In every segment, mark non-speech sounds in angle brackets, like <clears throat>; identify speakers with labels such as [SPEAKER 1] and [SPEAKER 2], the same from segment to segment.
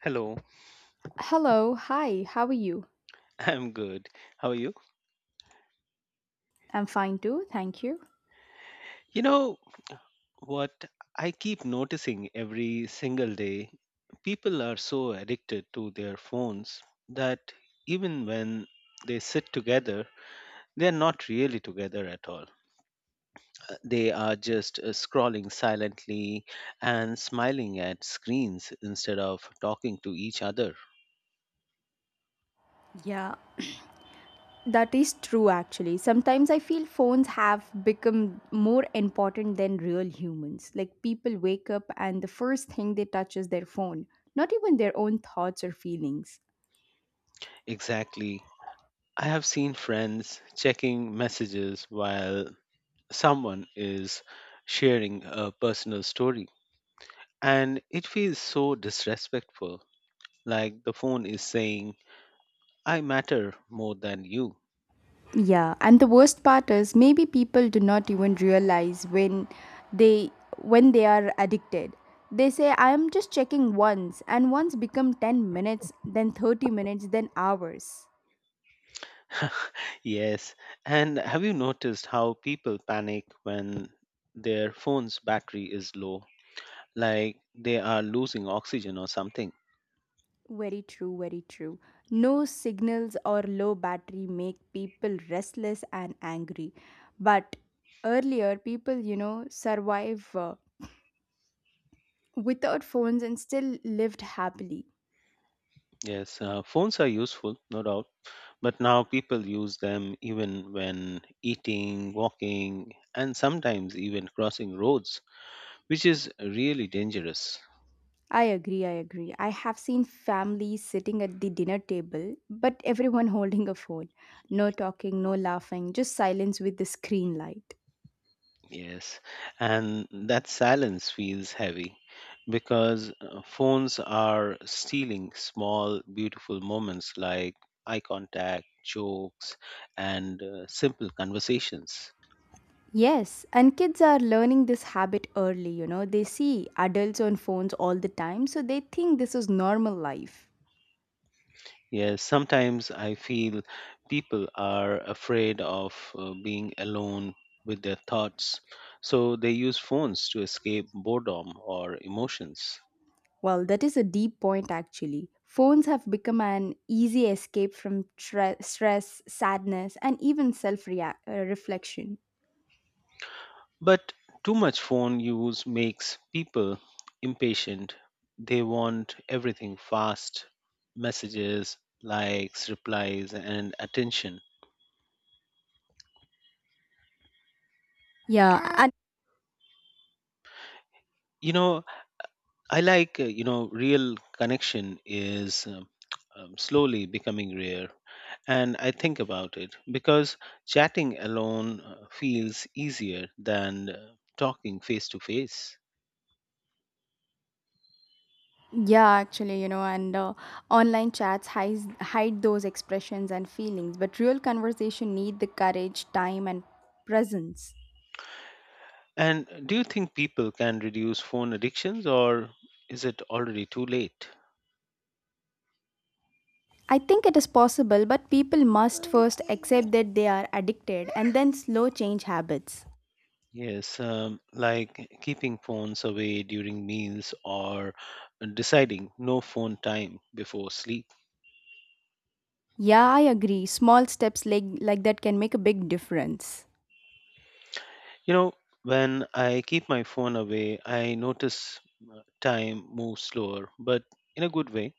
[SPEAKER 1] Hello,
[SPEAKER 2] Hello, hi, how are you?
[SPEAKER 1] <laughs> I'm good. How are you?
[SPEAKER 2] I'm fine too, thank you.
[SPEAKER 1] You know what I keep noticing every single day? People are so addicted to their phones that even when they sit together, they're not really together at all. They are just scrolling silently and smiling at screens instead of talking to each other.
[SPEAKER 2] Yeah, that is true actually. Sometimes I feel phones have become more important than real humans. Like people wake up and the first thing they touch is their phone, not even their own thoughts or feelings.
[SPEAKER 1] Exactly. I have seen friends checking messages while someone is sharing a personal story. And it feels so disrespectful, like the phone is saying, I matter more than you.
[SPEAKER 2] Yeah, and the worst part is maybe people do not even realize they when they are addicted. They say I am just checking once and once become 10 minutes, then 30 minutes, then hours.
[SPEAKER 1] <laughs> Yes. And have you noticed how people panic when their phone's battery is low? Like they are losing oxygen or something.
[SPEAKER 2] Very true, very true. No signals or low battery make people restless and angry. But earlier, people, survive without phones and still lived happily.
[SPEAKER 1] Yes, phones are useful, no doubt, but now people use them even when eating, walking, and sometimes even crossing roads which is really dangerous.
[SPEAKER 2] I agree, I agree. I have seen families sitting at the dinner table, but everyone <laughs> holding a phone. No talking, no laughing, just silence with the screen light.
[SPEAKER 1] Yes, and that silence feels heavy because phones are stealing small, beautiful moments like eye contact, jokes, and simple conversations.
[SPEAKER 2] Yes, and kids are learning this habit early, They see adults on phones all the time, so they think this is normal life.
[SPEAKER 1] Yes, sometimes I feel people are afraid of being alone with their thoughts, so they use phones to escape boredom or emotions.
[SPEAKER 2] Well, that is a deep point actually. Phones have become an easy escape from stress, sadness, and even self reflection.
[SPEAKER 1] But too much phone use makes people impatient. They want everything fast messages, likes, replies, and attention.
[SPEAKER 2] Yeah,
[SPEAKER 1] You know, real connection is slowly becoming rare. And I think about it because chatting alone feels easier than talking face to face.
[SPEAKER 2] and yeah, actually, you know, and online chats hide those expressions and feelings, but real conversation need the courage, time, and presence.
[SPEAKER 1] And do you think people can reduce phone addictions or is it already too late?
[SPEAKER 2] I think it is possible, but people must first accept that they are addicted and then slow change habits.
[SPEAKER 1] Yes, like keeping phones away during meals or deciding no phone time before sleep.
[SPEAKER 2] Yeah, I agree. Small steps like that can make a big difference.
[SPEAKER 1] You know, when I keep my phone away, I notice time moves slower, but in a good way.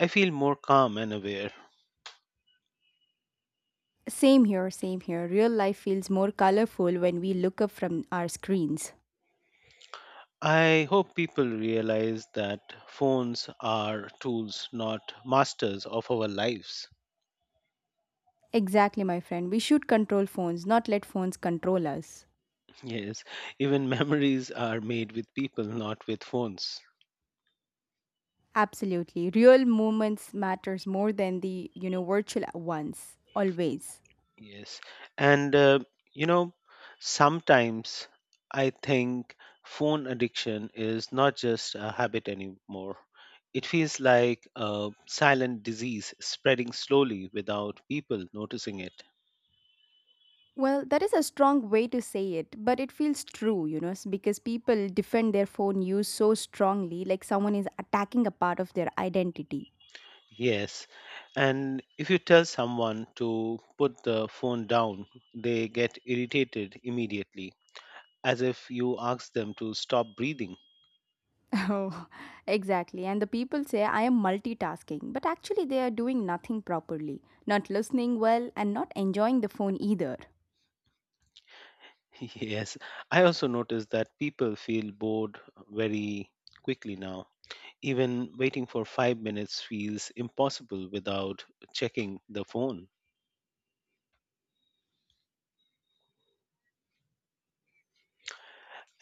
[SPEAKER 1] I feel more calm and aware.
[SPEAKER 2] Same here, same here. Real life feels more colorful when we look up from our screens.
[SPEAKER 1] I hope people realize that phones are tools, not masters of our lives.
[SPEAKER 2] Exactly, my friend. We should control phones, not let phones control us.
[SPEAKER 1] Yes, even memories are made with people, not with phones.
[SPEAKER 2] Absolutely. Real moments matters more than the virtual ones. Always.
[SPEAKER 1] Yes, and you know, sometimes I think phone addiction is not just a habit anymore. It feels like a silent disease spreading slowly without people noticing it.
[SPEAKER 2] Well, that is a strong way to say it, but it feels true, because people defend their phone use so strongly, like someone is attacking a part of their identity.
[SPEAKER 1] Yes, and if you tell someone to put the phone down, they get irritated immediately, as if you ask them to stop breathing.
[SPEAKER 2] <laughs> Oh, exactly. And the people say, I am multitasking, but actually, they are doing nothing properly, not listening well, and not enjoying the phone either.
[SPEAKER 1] <laughs> Yes, I also noticed that people feel bored very quickly now. Even waiting for 5 minutes feels impossible without checking the phone.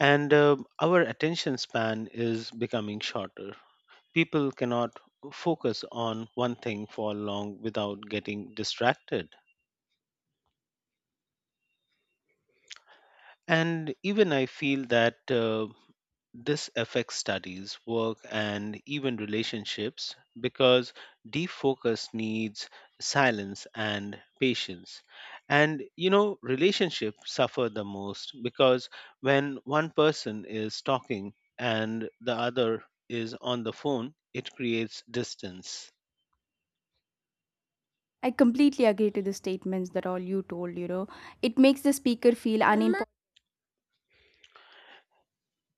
[SPEAKER 1] And our attention span is becoming shorter. People cannot focus on one thing for long without getting distracted. And even I feel that this affects studies, work, and even relationships because deep focus needs silence and patience. And you know, relationships suffer the most because when one person is talking and the other is on the phone, it creates distance.
[SPEAKER 2] I completely agree to the statements that all you told, It makes the speaker feel uninterested.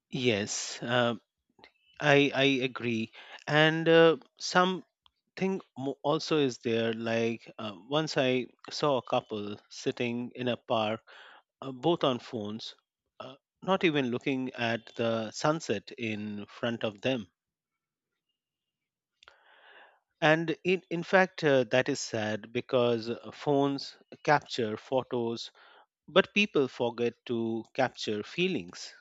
[SPEAKER 1] Yes, I agree, and some also is there like once I saw a couple sitting in a park both on phones uh, not even looking at the sunset in front of them and in fact that is sad because phones capture photos but people forget to capture feelings.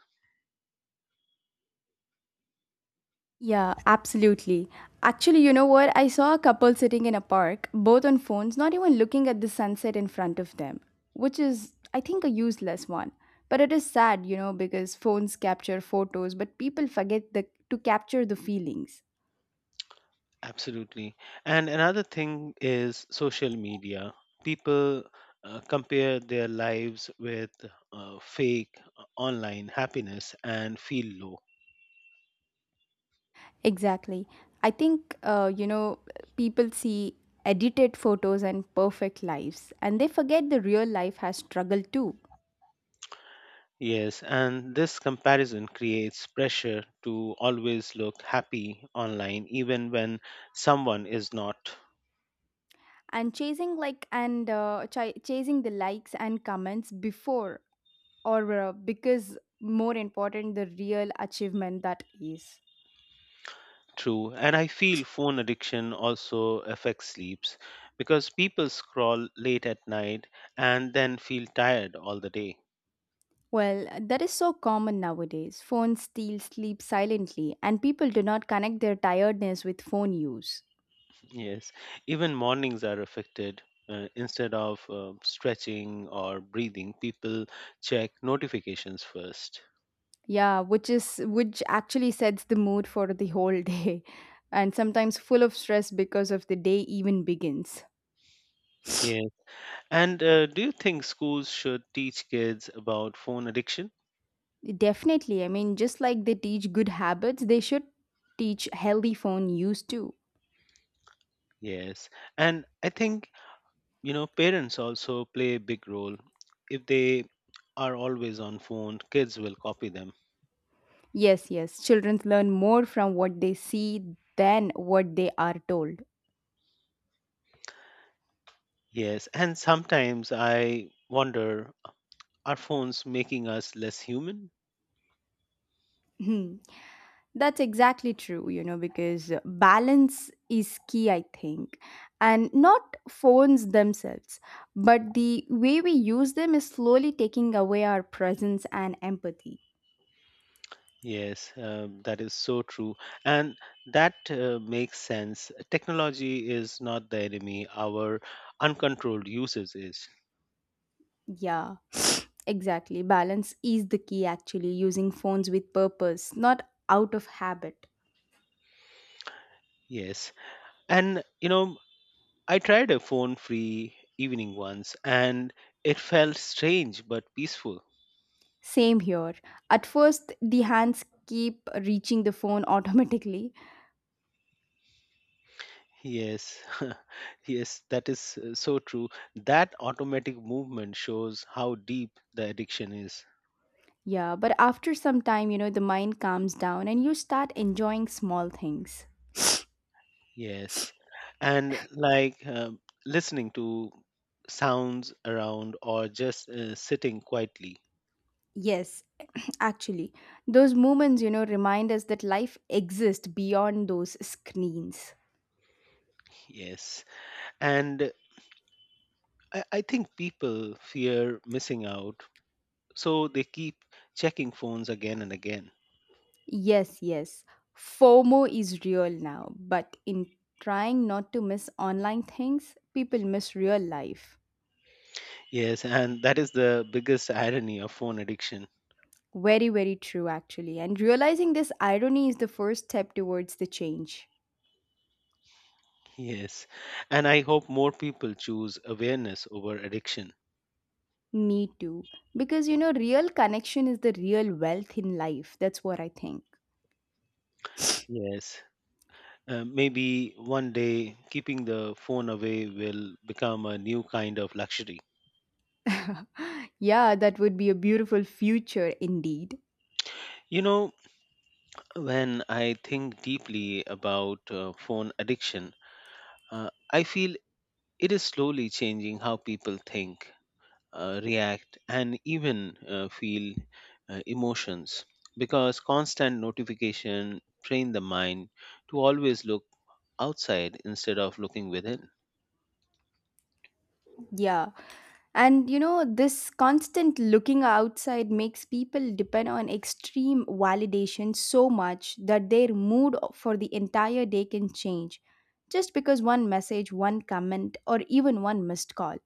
[SPEAKER 2] Yeah, absolutely. Actually, you know what? I saw a couple sitting in a park, both on phones, not even looking at the sunset in front of them, which is, I think, a useless one. But it is sad, because phones capture photos, but people forget to capture the feelings.
[SPEAKER 1] Absolutely. And another thing is social media. People compare their lives with fake online happiness and feel low.
[SPEAKER 2] Exactly. I think, people see edited photos and perfect lives, and they forget the real life has struggle too.
[SPEAKER 1] Yes, and this comparison creates pressure to always look happy online, even when someone is not.
[SPEAKER 2] And chasing like and chasing the likes and comments before or because more important the real achievement that is.
[SPEAKER 1] True. And I feel phone addiction also affects sleeps because people scroll late at night and then feel tired all the day.
[SPEAKER 2] Well, that is so common nowadays. Phones steal sleep silently, and people do not connect their tiredness with phone use.
[SPEAKER 1] Yes, even mornings are affected. Instead of stretching or breathing, people check notifications first.
[SPEAKER 2] Yeah, which is which actually sets the mood for the whole day <laughs> and sometimes full of stress because of the day even begins.
[SPEAKER 1] Yeah. And do you think schools should teach kids about phone addiction?
[SPEAKER 2] Definitely, I mean, just like they teach good habits, they should teach healthy phone use too.
[SPEAKER 1] Yes. And I think, you know, parents also play a big role. If they are always on phone, kids will copy them.
[SPEAKER 2] Yes, yes. Children learn more from what they see than what they are told.
[SPEAKER 1] Yes. And sometimes I wonder, are phones making us less human?
[SPEAKER 2] Hmm. That's exactly true, because balance is key, I think. And not phones themselves, but the way we use them is slowly taking away our presence and empathy.
[SPEAKER 1] Yes, that is so true. And that makes sense. Technology is not the enemy, our uncontrolled usage is.
[SPEAKER 2] Yeah, <sniffs> exactly. Balance is the key, actually, using phones with purpose, not out of habit.
[SPEAKER 1] Yes. And, you know, I tried a phone free evening once and it felt strange but peaceful.
[SPEAKER 2] Same here. At first, the hands keep reaching the phone <laughs> automatically.
[SPEAKER 1] Yes, <laughs> yes, that is so true. That automatic movement shows how deep the addiction is.
[SPEAKER 2] Yeah, but after some time, the mind calms down and you start enjoying small things.
[SPEAKER 1] Yes. And like listening to sounds around or just sitting quietly.
[SPEAKER 2] Yes, <clears throat> actually, those moments, remind us that life exists beyond those screens.
[SPEAKER 1] Yes. And I think people fear missing out. So they keep checking phones again and again.
[SPEAKER 2] Yes, yes. FOMO is real now, but in trying not to miss online things, people miss real life.
[SPEAKER 1] Yes. And that is the biggest irony of phone addiction.
[SPEAKER 2] Very, very true, actually. And realizing this irony is the first step towards the change.
[SPEAKER 1] Yes. And I hope more people choose awareness over addiction.
[SPEAKER 2] Me too. Because, real connection is the real wealth in life. That's what I think.
[SPEAKER 1] Yes. Maybe one day keeping the phone away will become a new kind of luxury.
[SPEAKER 2] Yeah, that would be a beautiful future indeed.
[SPEAKER 1] You know, when I think deeply about phone addiction, I feel it is slowly changing how people think, react, and even feel emotions because constant notification train the mind to always look outside instead of looking within.
[SPEAKER 2] Yeah. And, this constant looking outside makes people depend on extreme validation so much that their mood for the entire day can change just because one message, one comment, or even one missed call.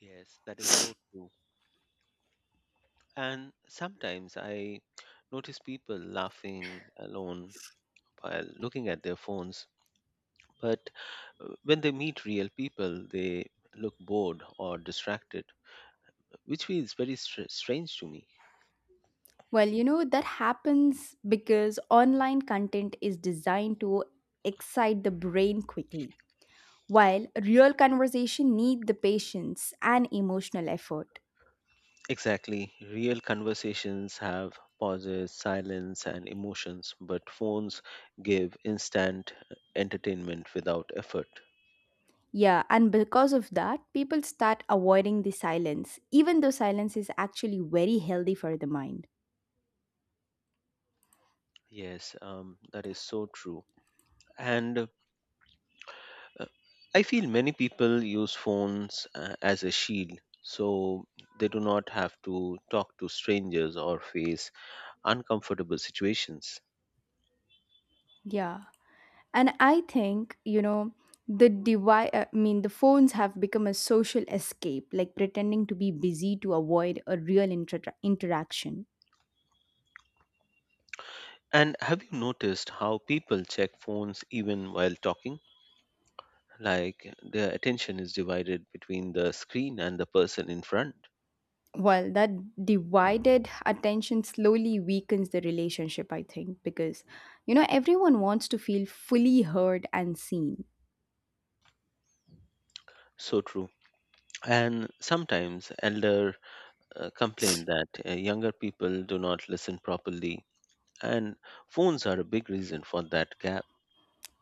[SPEAKER 1] Yes, that is so true. And sometimes I notice people laughing alone while looking at their phones, but when they meet real people, they look bored or distracted, which feels very strange to me.
[SPEAKER 2] Well, that happens because online content is designed to excite the brain quickly, while real conversation need the patience and emotional effort.
[SPEAKER 1] Exactly. Real conversations have pauses, silence, and emotions, but phones give instant entertainment without effort.
[SPEAKER 2] Yeah, and because of that, people start avoiding the silence, even though silence is actually very healthy for the mind.
[SPEAKER 1] Yes, that is so true. And I feel many people use phones as a shield, so they do not have to talk to strangers or face uncomfortable situations.
[SPEAKER 2] Yeah. And I think, the device, I mean, the phones have become a social escape, like pretending to be busy to avoid a real interaction.
[SPEAKER 1] And have you noticed how people check phones even while talking? Like their attention is divided between the screen and the person in front.
[SPEAKER 2] Well, that divided attention slowly weakens the relationship, I think, because, everyone wants to feel fully heard and seen.
[SPEAKER 1] So true. And sometimes elder complain that younger people do not listen properly, and phones are a big reason for that gap.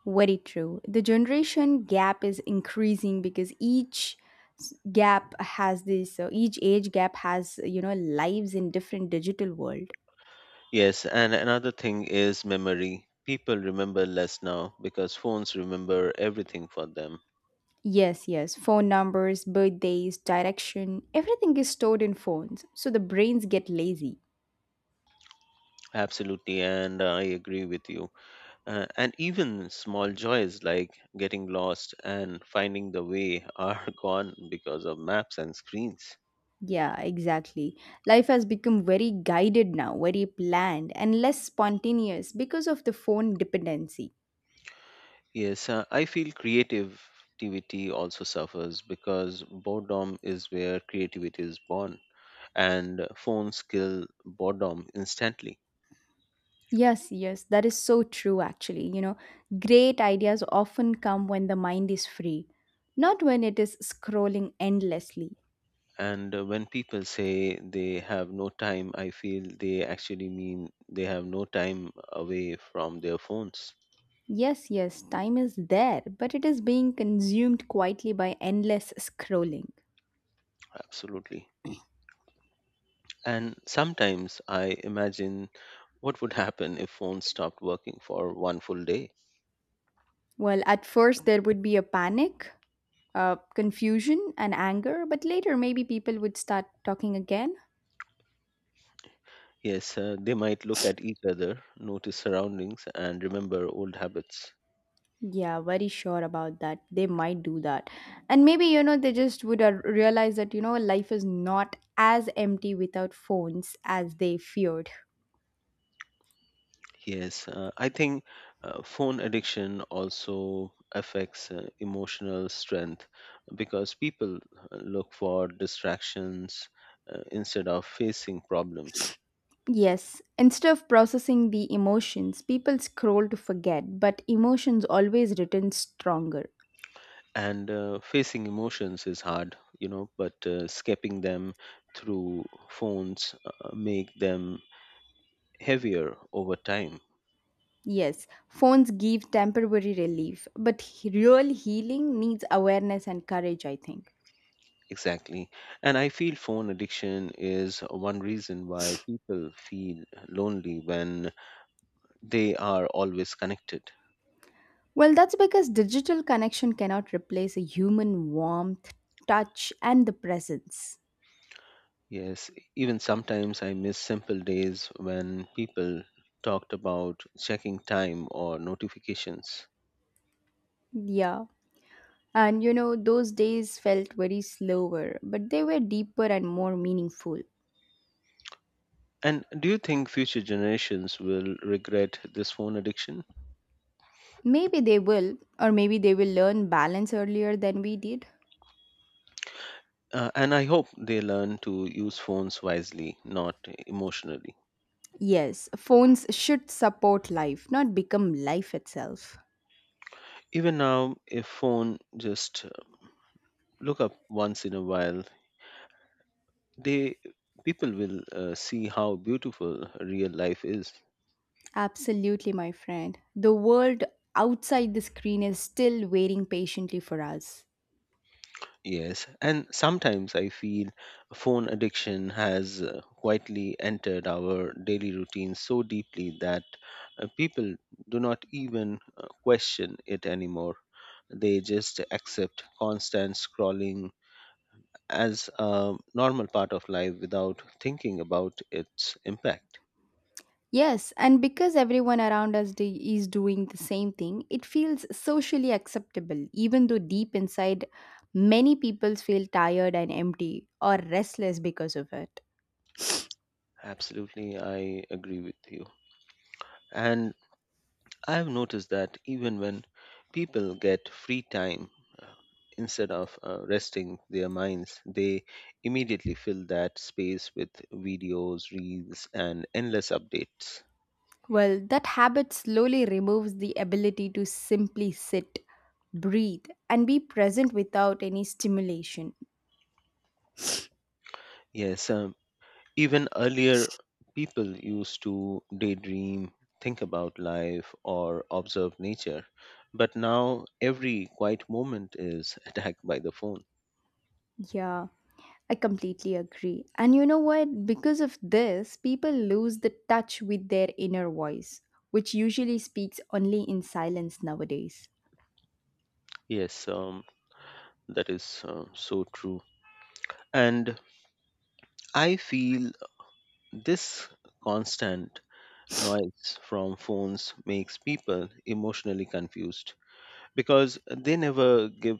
[SPEAKER 2] Very true. The generation gap is increasing because each age gap has, lives in different digital world.
[SPEAKER 1] Yes, and another thing is memory. People remember less now because phones remember everything for them.
[SPEAKER 2] Yes, yes. Phone numbers, birthdays, direction, everything is stored in phones. So the brains get lazy.
[SPEAKER 1] Absolutely, and I agree with you. And even small joys like getting lost and finding the way are <laughs> gone because of maps and screens.
[SPEAKER 2] Yeah, exactly. Life has become very guided now, very planned, and less spontaneous because of the phone dependency.
[SPEAKER 1] Yes, I feel creativity also suffers because boredom is where creativity is born, and phones kill boredom instantly.
[SPEAKER 2] Yes, yes, that is so true, actually. Great ideas often come when the mind is free, not when it is scrolling endlessly.
[SPEAKER 1] And when people say they have no time, I feel they actually mean they have no time away from their phones.
[SPEAKER 2] Yes, yes, time is there, but it is being consumed quietly by endless scrolling.
[SPEAKER 1] Absolutely. And sometimes I imagine what would happen if phones stopped working for one full day.
[SPEAKER 2] Well, at first, there would be a panic, confusion, and anger, but later, maybe people would start talking again.
[SPEAKER 1] Yes, they might look at each other, notice surroundings, and remember old habits.
[SPEAKER 2] Yeah, very sure about that. They might do that. And maybe, they just would realize that, life is not as empty without phones as they feared.
[SPEAKER 1] Yes, I think phone addiction also affects emotional strength because people look for distractions instead of facing problems.
[SPEAKER 2] Yes, instead of processing the emotions, people scroll to forget, but emotions always return stronger.
[SPEAKER 1] And facing emotions is hard you know but escaping them through phones make them heavier over time.
[SPEAKER 2] Yes, phones give temporary relief, but real healing needs awareness and courage, I think.
[SPEAKER 1] Exactly, and I feel phone addiction is one reason why people feel lonely when they are always connected.
[SPEAKER 2] Well, that's because digital connection cannot replace a human warmth, touch, and the presence.
[SPEAKER 1] Yes, even sometimes I miss simple days when people talked about checking time or notifications.
[SPEAKER 2] Yeah. And those days felt very slower, but they were deeper and more meaningful.
[SPEAKER 1] And do you think future generations will regret this phone addiction?
[SPEAKER 2] Maybe they will, or maybe they will learn balance earlier than we did.
[SPEAKER 1] And I hope they learn to use phones wisely, not emotionally.
[SPEAKER 2] Yes, phones should support life, not become life itself.
[SPEAKER 1] Even now, if phone just look up once in a while, they people will see how beautiful real life is.
[SPEAKER 2] Absolutely, my friend. The world outside the screen is still waiting patiently for us.
[SPEAKER 1] Yes, and sometimes I feel phone addiction has quietly entered our daily routine so deeply that people do not even question it anymore. They just accept constant scrolling, as a normal part of life without thinking about its impact.
[SPEAKER 2] Yes, and because everyone around us is doing the same thing, it feels socially acceptable, even though deep inside, many people feel tired and empty or restless because of it.
[SPEAKER 1] Absolutely, I agree with you. And I've noticed that even when people get free time, uh, instead of resting their minds, they immediately fill that space with videos, reels, and endless updates.
[SPEAKER 2] Well, that habit slowly removes the ability to simply sit, breathe, and be present without any stimulation.
[SPEAKER 1] Yes, even earlier, people used to daydream, think about life, or observe nature. But now, every quiet moment is <laughs> attacked by the phone.
[SPEAKER 2] Yeah. I completely agree. And you know what? Because of this, people lose the touch with their inner voice, which usually speaks only in silence nowadays.
[SPEAKER 1] Yes, that is so true. And I feel this constant noise from phones makes people emotionally confused because they never give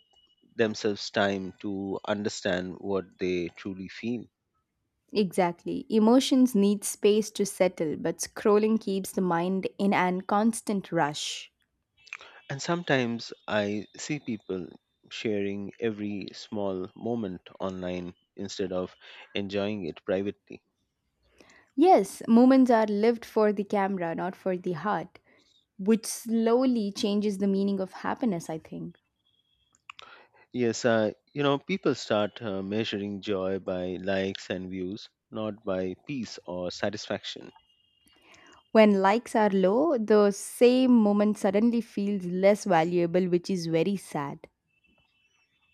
[SPEAKER 1] themselves time to understand what they truly feel.
[SPEAKER 2] Exactly. Emotions need space to settle, but scrolling keeps the mind in an constant rush.
[SPEAKER 1] And sometimes I see people sharing every small moment online instead of enjoying it privately.
[SPEAKER 2] Yes, moments are lived for the camera, not for the heart, which slowly changes the meaning of happiness, I think.
[SPEAKER 1] Yes, you know, people start measuring joy by likes and views, not by peace or satisfaction.
[SPEAKER 2] When likes are low, the same moment suddenly feels less valuable, which is very sad.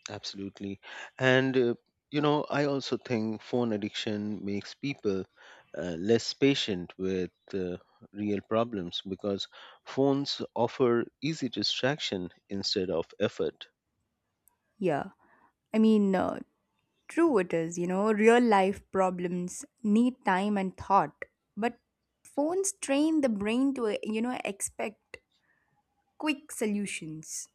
[SPEAKER 1] Absolutely. And, you know, I also think phone addiction makes people less patient with real problems because phones offer easy distraction instead of effort.
[SPEAKER 2] Yeah. I mean, uh, true it is, real life problems need time and thought. But phones train the brain to, expect quick solutions.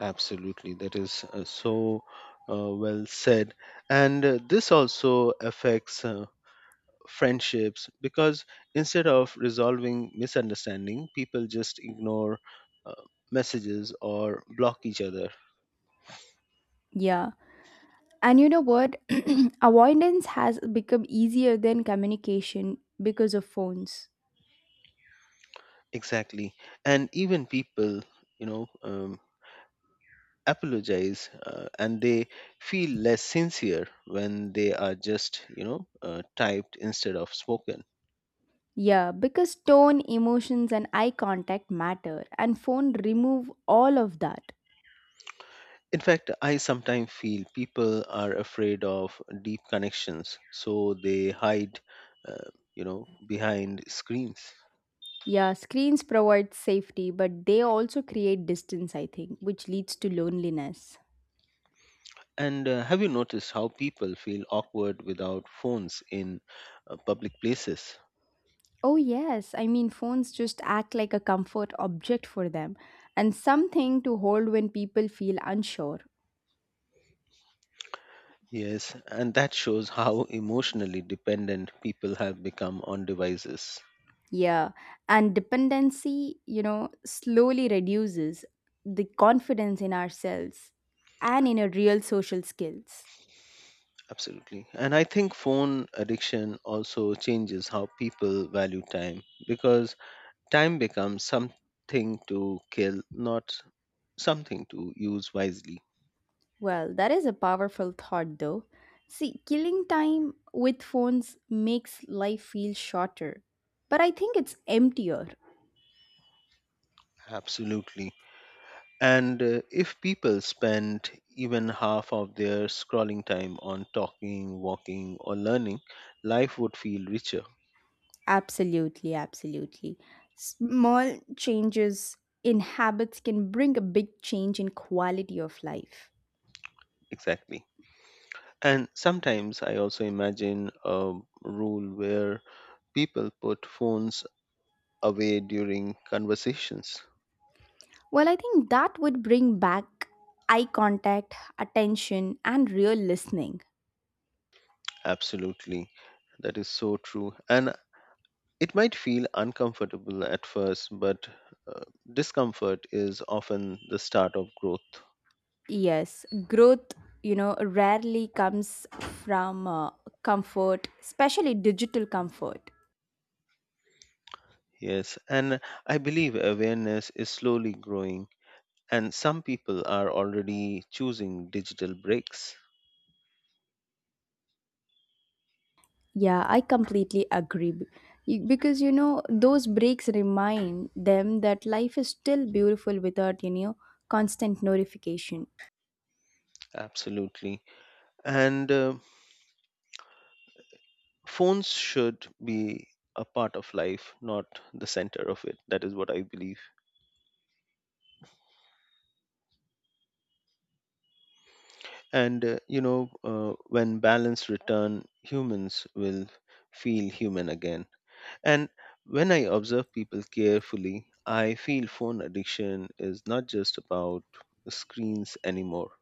[SPEAKER 1] Absolutely, that is so well said. And this also affects friendships because instead of resolving misunderstanding, people just ignore uh, messages or block each other.
[SPEAKER 2] Yeah. And you know what? <clears throat> Avoidance has become easier than communication because of phones.
[SPEAKER 1] Exactly. And even people, you know, um, apologize and they feel less sincere when they are just, typed instead of spoken.
[SPEAKER 2] Yeah, because tone, emotions, and eye contact matter, and phone remove all of that.
[SPEAKER 1] In fact, I sometimes feel people are afraid of deep connections, so they hide, uh, behind screens.
[SPEAKER 2] Yeah, screens provide safety, but they also create distance, I think, which leads to loneliness.
[SPEAKER 1] And have you noticed how people feel awkward without phones in public places?
[SPEAKER 2] Oh, yes. I mean, phones just act like a comfort object for them and something to hold when people feel unsure.
[SPEAKER 1] Yes, and that shows how emotionally dependent people have become on devices.
[SPEAKER 2] Yeah. And dependency, slowly reduces the confidence in ourselves and in our real social skills.
[SPEAKER 1] Absolutely. And I think phone addiction also changes how people value time because time becomes something to kill, not something to use wisely.
[SPEAKER 2] Well, that is a powerful thought, though. See, killing time with phones makes life feel shorter, but I think it's emptier.
[SPEAKER 1] Absolutely. And if people spend even half of their scrolling time on talking, walking, or learning, life would feel richer.
[SPEAKER 2] Absolutely, absolutely. Small changes in habits can bring a big change in quality of life.
[SPEAKER 1] Exactly. And sometimes I also imagine a rule where people put phones away during conversations.
[SPEAKER 2] Well, I think that would bring back eye contact, attention, and real listening.
[SPEAKER 1] Absolutely. That is so true. And it might feel uncomfortable at first, but uh, discomfort is often the start of growth.
[SPEAKER 2] Yes, growth, rarely comes from comfort, especially digital comfort.
[SPEAKER 1] Yes, and I believe awareness is slowly growing, and some people are already choosing digital breaks.
[SPEAKER 2] Yeah, I completely agree. Because, those breaks remind them that life is still beautiful without, constant notification.
[SPEAKER 1] Absolutely. And phones should be a part of life, not the center of it. That is what I believe. And, when balance return, humans will feel human again. And when I observe people carefully, I feel phone addiction is not just about screens anymore.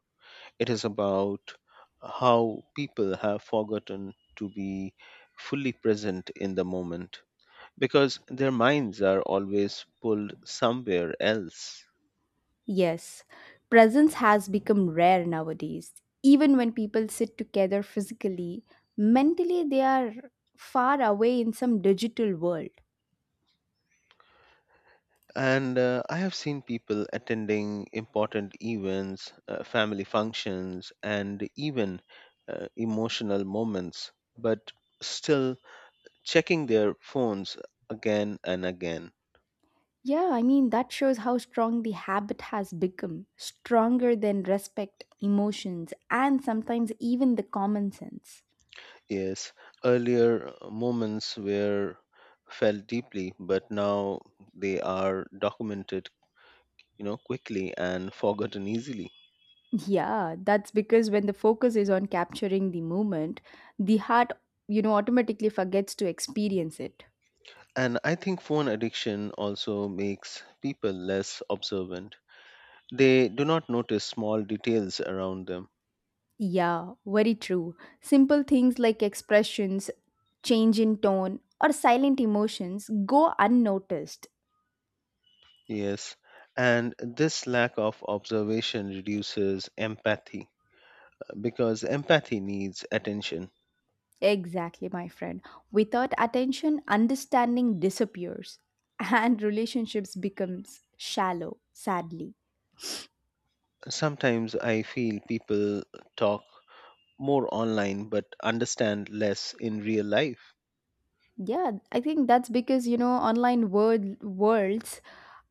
[SPEAKER 1] It is about how people have forgotten to be fully present in the moment because their minds are always pulled somewhere else.
[SPEAKER 2] Yes, presence has become rare nowadays. Even when people sit together physically, mentally they are far away in some digital world.
[SPEAKER 1] And I have seen people attending important events, family functions, and even emotional moments, but still checking their phones again and again.
[SPEAKER 2] Yeah, I mean, that shows how strong the habit has become, stronger than respect, emotions, and sometimes even the common sense.
[SPEAKER 1] Yes, earlier moments were felt deeply, but now they are documented, you know, quickly and forgotten easily.
[SPEAKER 2] Yeah, that's because when the focus is on capturing the moment, the heart, automatically forgets to experience it.
[SPEAKER 1] And I think phone addiction also makes people less observant. They do not notice small details around them.
[SPEAKER 2] Yeah, very true. Simple things like expressions, change in tone, or silent emotions go unnoticed.
[SPEAKER 1] Yes, and this lack of observation reduces empathy because empathy needs attention.
[SPEAKER 2] Exactly, my friend. Without attention, understanding disappears and <laughs> relationships becomes shallow, sadly.
[SPEAKER 1] Sometimes I feel people talk more online but understand less in real life. <laughs>
[SPEAKER 2] Yeah, I think that's because, online world worlds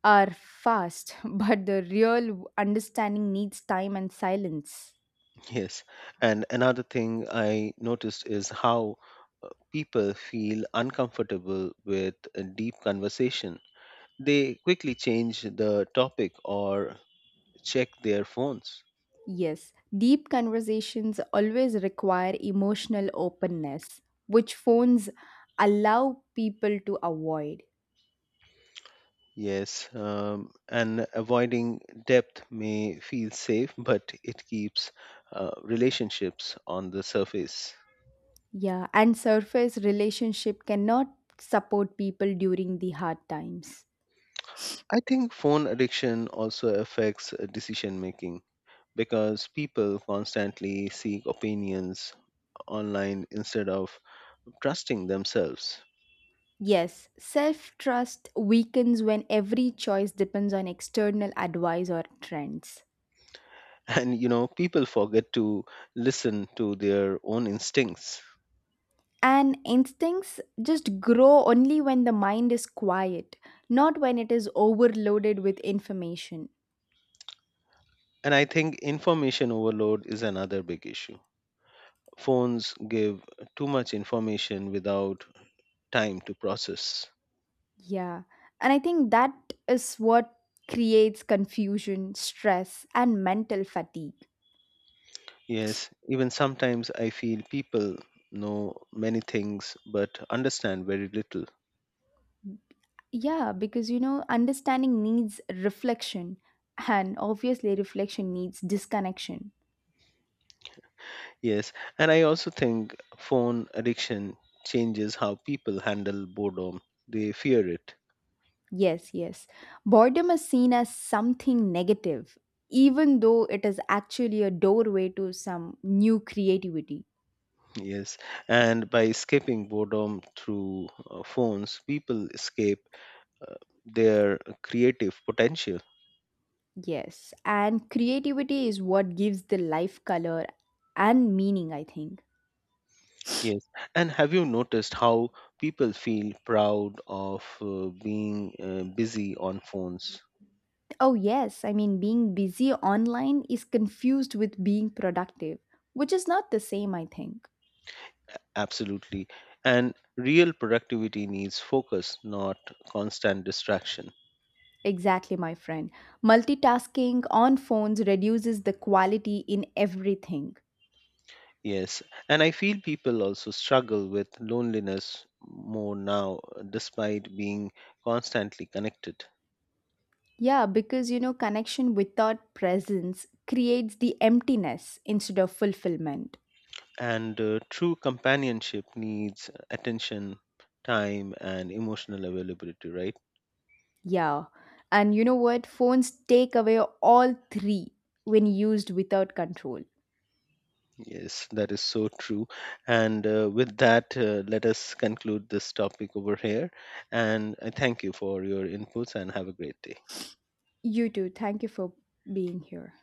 [SPEAKER 2] are fast, <laughs> but the real understanding needs time and silence.
[SPEAKER 1] Yes. And another thing I noticed is how people feel uncomfortable with a deep conversation. They quickly change the topic or check their phones.
[SPEAKER 2] Yes, deep conversations always require emotional openness, which phones allow people to avoid.
[SPEAKER 1] Yes, and avoiding depth may feel safe, <laughs> but it keeps relationships on the surface.
[SPEAKER 2] Yeah, and surface relationship cannot support people during the hard times.
[SPEAKER 1] I think phone addiction also affects decision making because people constantly seek opinions online instead of trusting themselves.
[SPEAKER 2] Yes, self trust weakens when every choice depends on external advice or trends.
[SPEAKER 1] <laughs> And you know, people forget to listen to their own instincts.
[SPEAKER 2] And instincts just grow only when the mind is quiet, not when it is overloaded with information.
[SPEAKER 1] And I think information overload is another big issue. Phones give too much information without time to process.
[SPEAKER 2] Yeah, and I think that is what creates confusion, stress, and mental fatigue.
[SPEAKER 1] Yes, even sometimes I feel people know many things but understand very little.
[SPEAKER 2] Yeah, because understanding needs reflection, and obviously, reflection needs disconnection.
[SPEAKER 1] Yes, and I also think phone addiction changes how people handle boredom. They fear it.
[SPEAKER 2] Yes, yes. Boredom is seen as something negative, even though it is actually a doorway to some new creativity.
[SPEAKER 1] Yes, and by escaping boredom through phones, people escape uh, their creative potential.
[SPEAKER 2] Yes, and creativity is what gives the life color and meaning, I think.
[SPEAKER 1] Yes, and have you noticed how people feel proud of being busy on phones?
[SPEAKER 2] Oh, yes, I mean, being busy online is confused with being productive, which is not the same, I think.
[SPEAKER 1] Absolutely. And real productivity needs focus, not constant distraction.
[SPEAKER 2] Exactly, my friend. Multitasking on phones reduces the quality in everything.
[SPEAKER 1] Yes, and I feel people also struggle with loneliness more now, despite being constantly connected.
[SPEAKER 2] Yeah, because connection without presence creates the emptiness instead of fulfillment.
[SPEAKER 1] And true companionship needs attention, time, and emotional availability, right?
[SPEAKER 2] Yeah. And you know what? Phones take away all three when used without control.
[SPEAKER 1] Yes, that is so true. And with that, let us conclude this topic over here. And I thank you for your inputs and have a great day.
[SPEAKER 2] You too. Thank you for being here.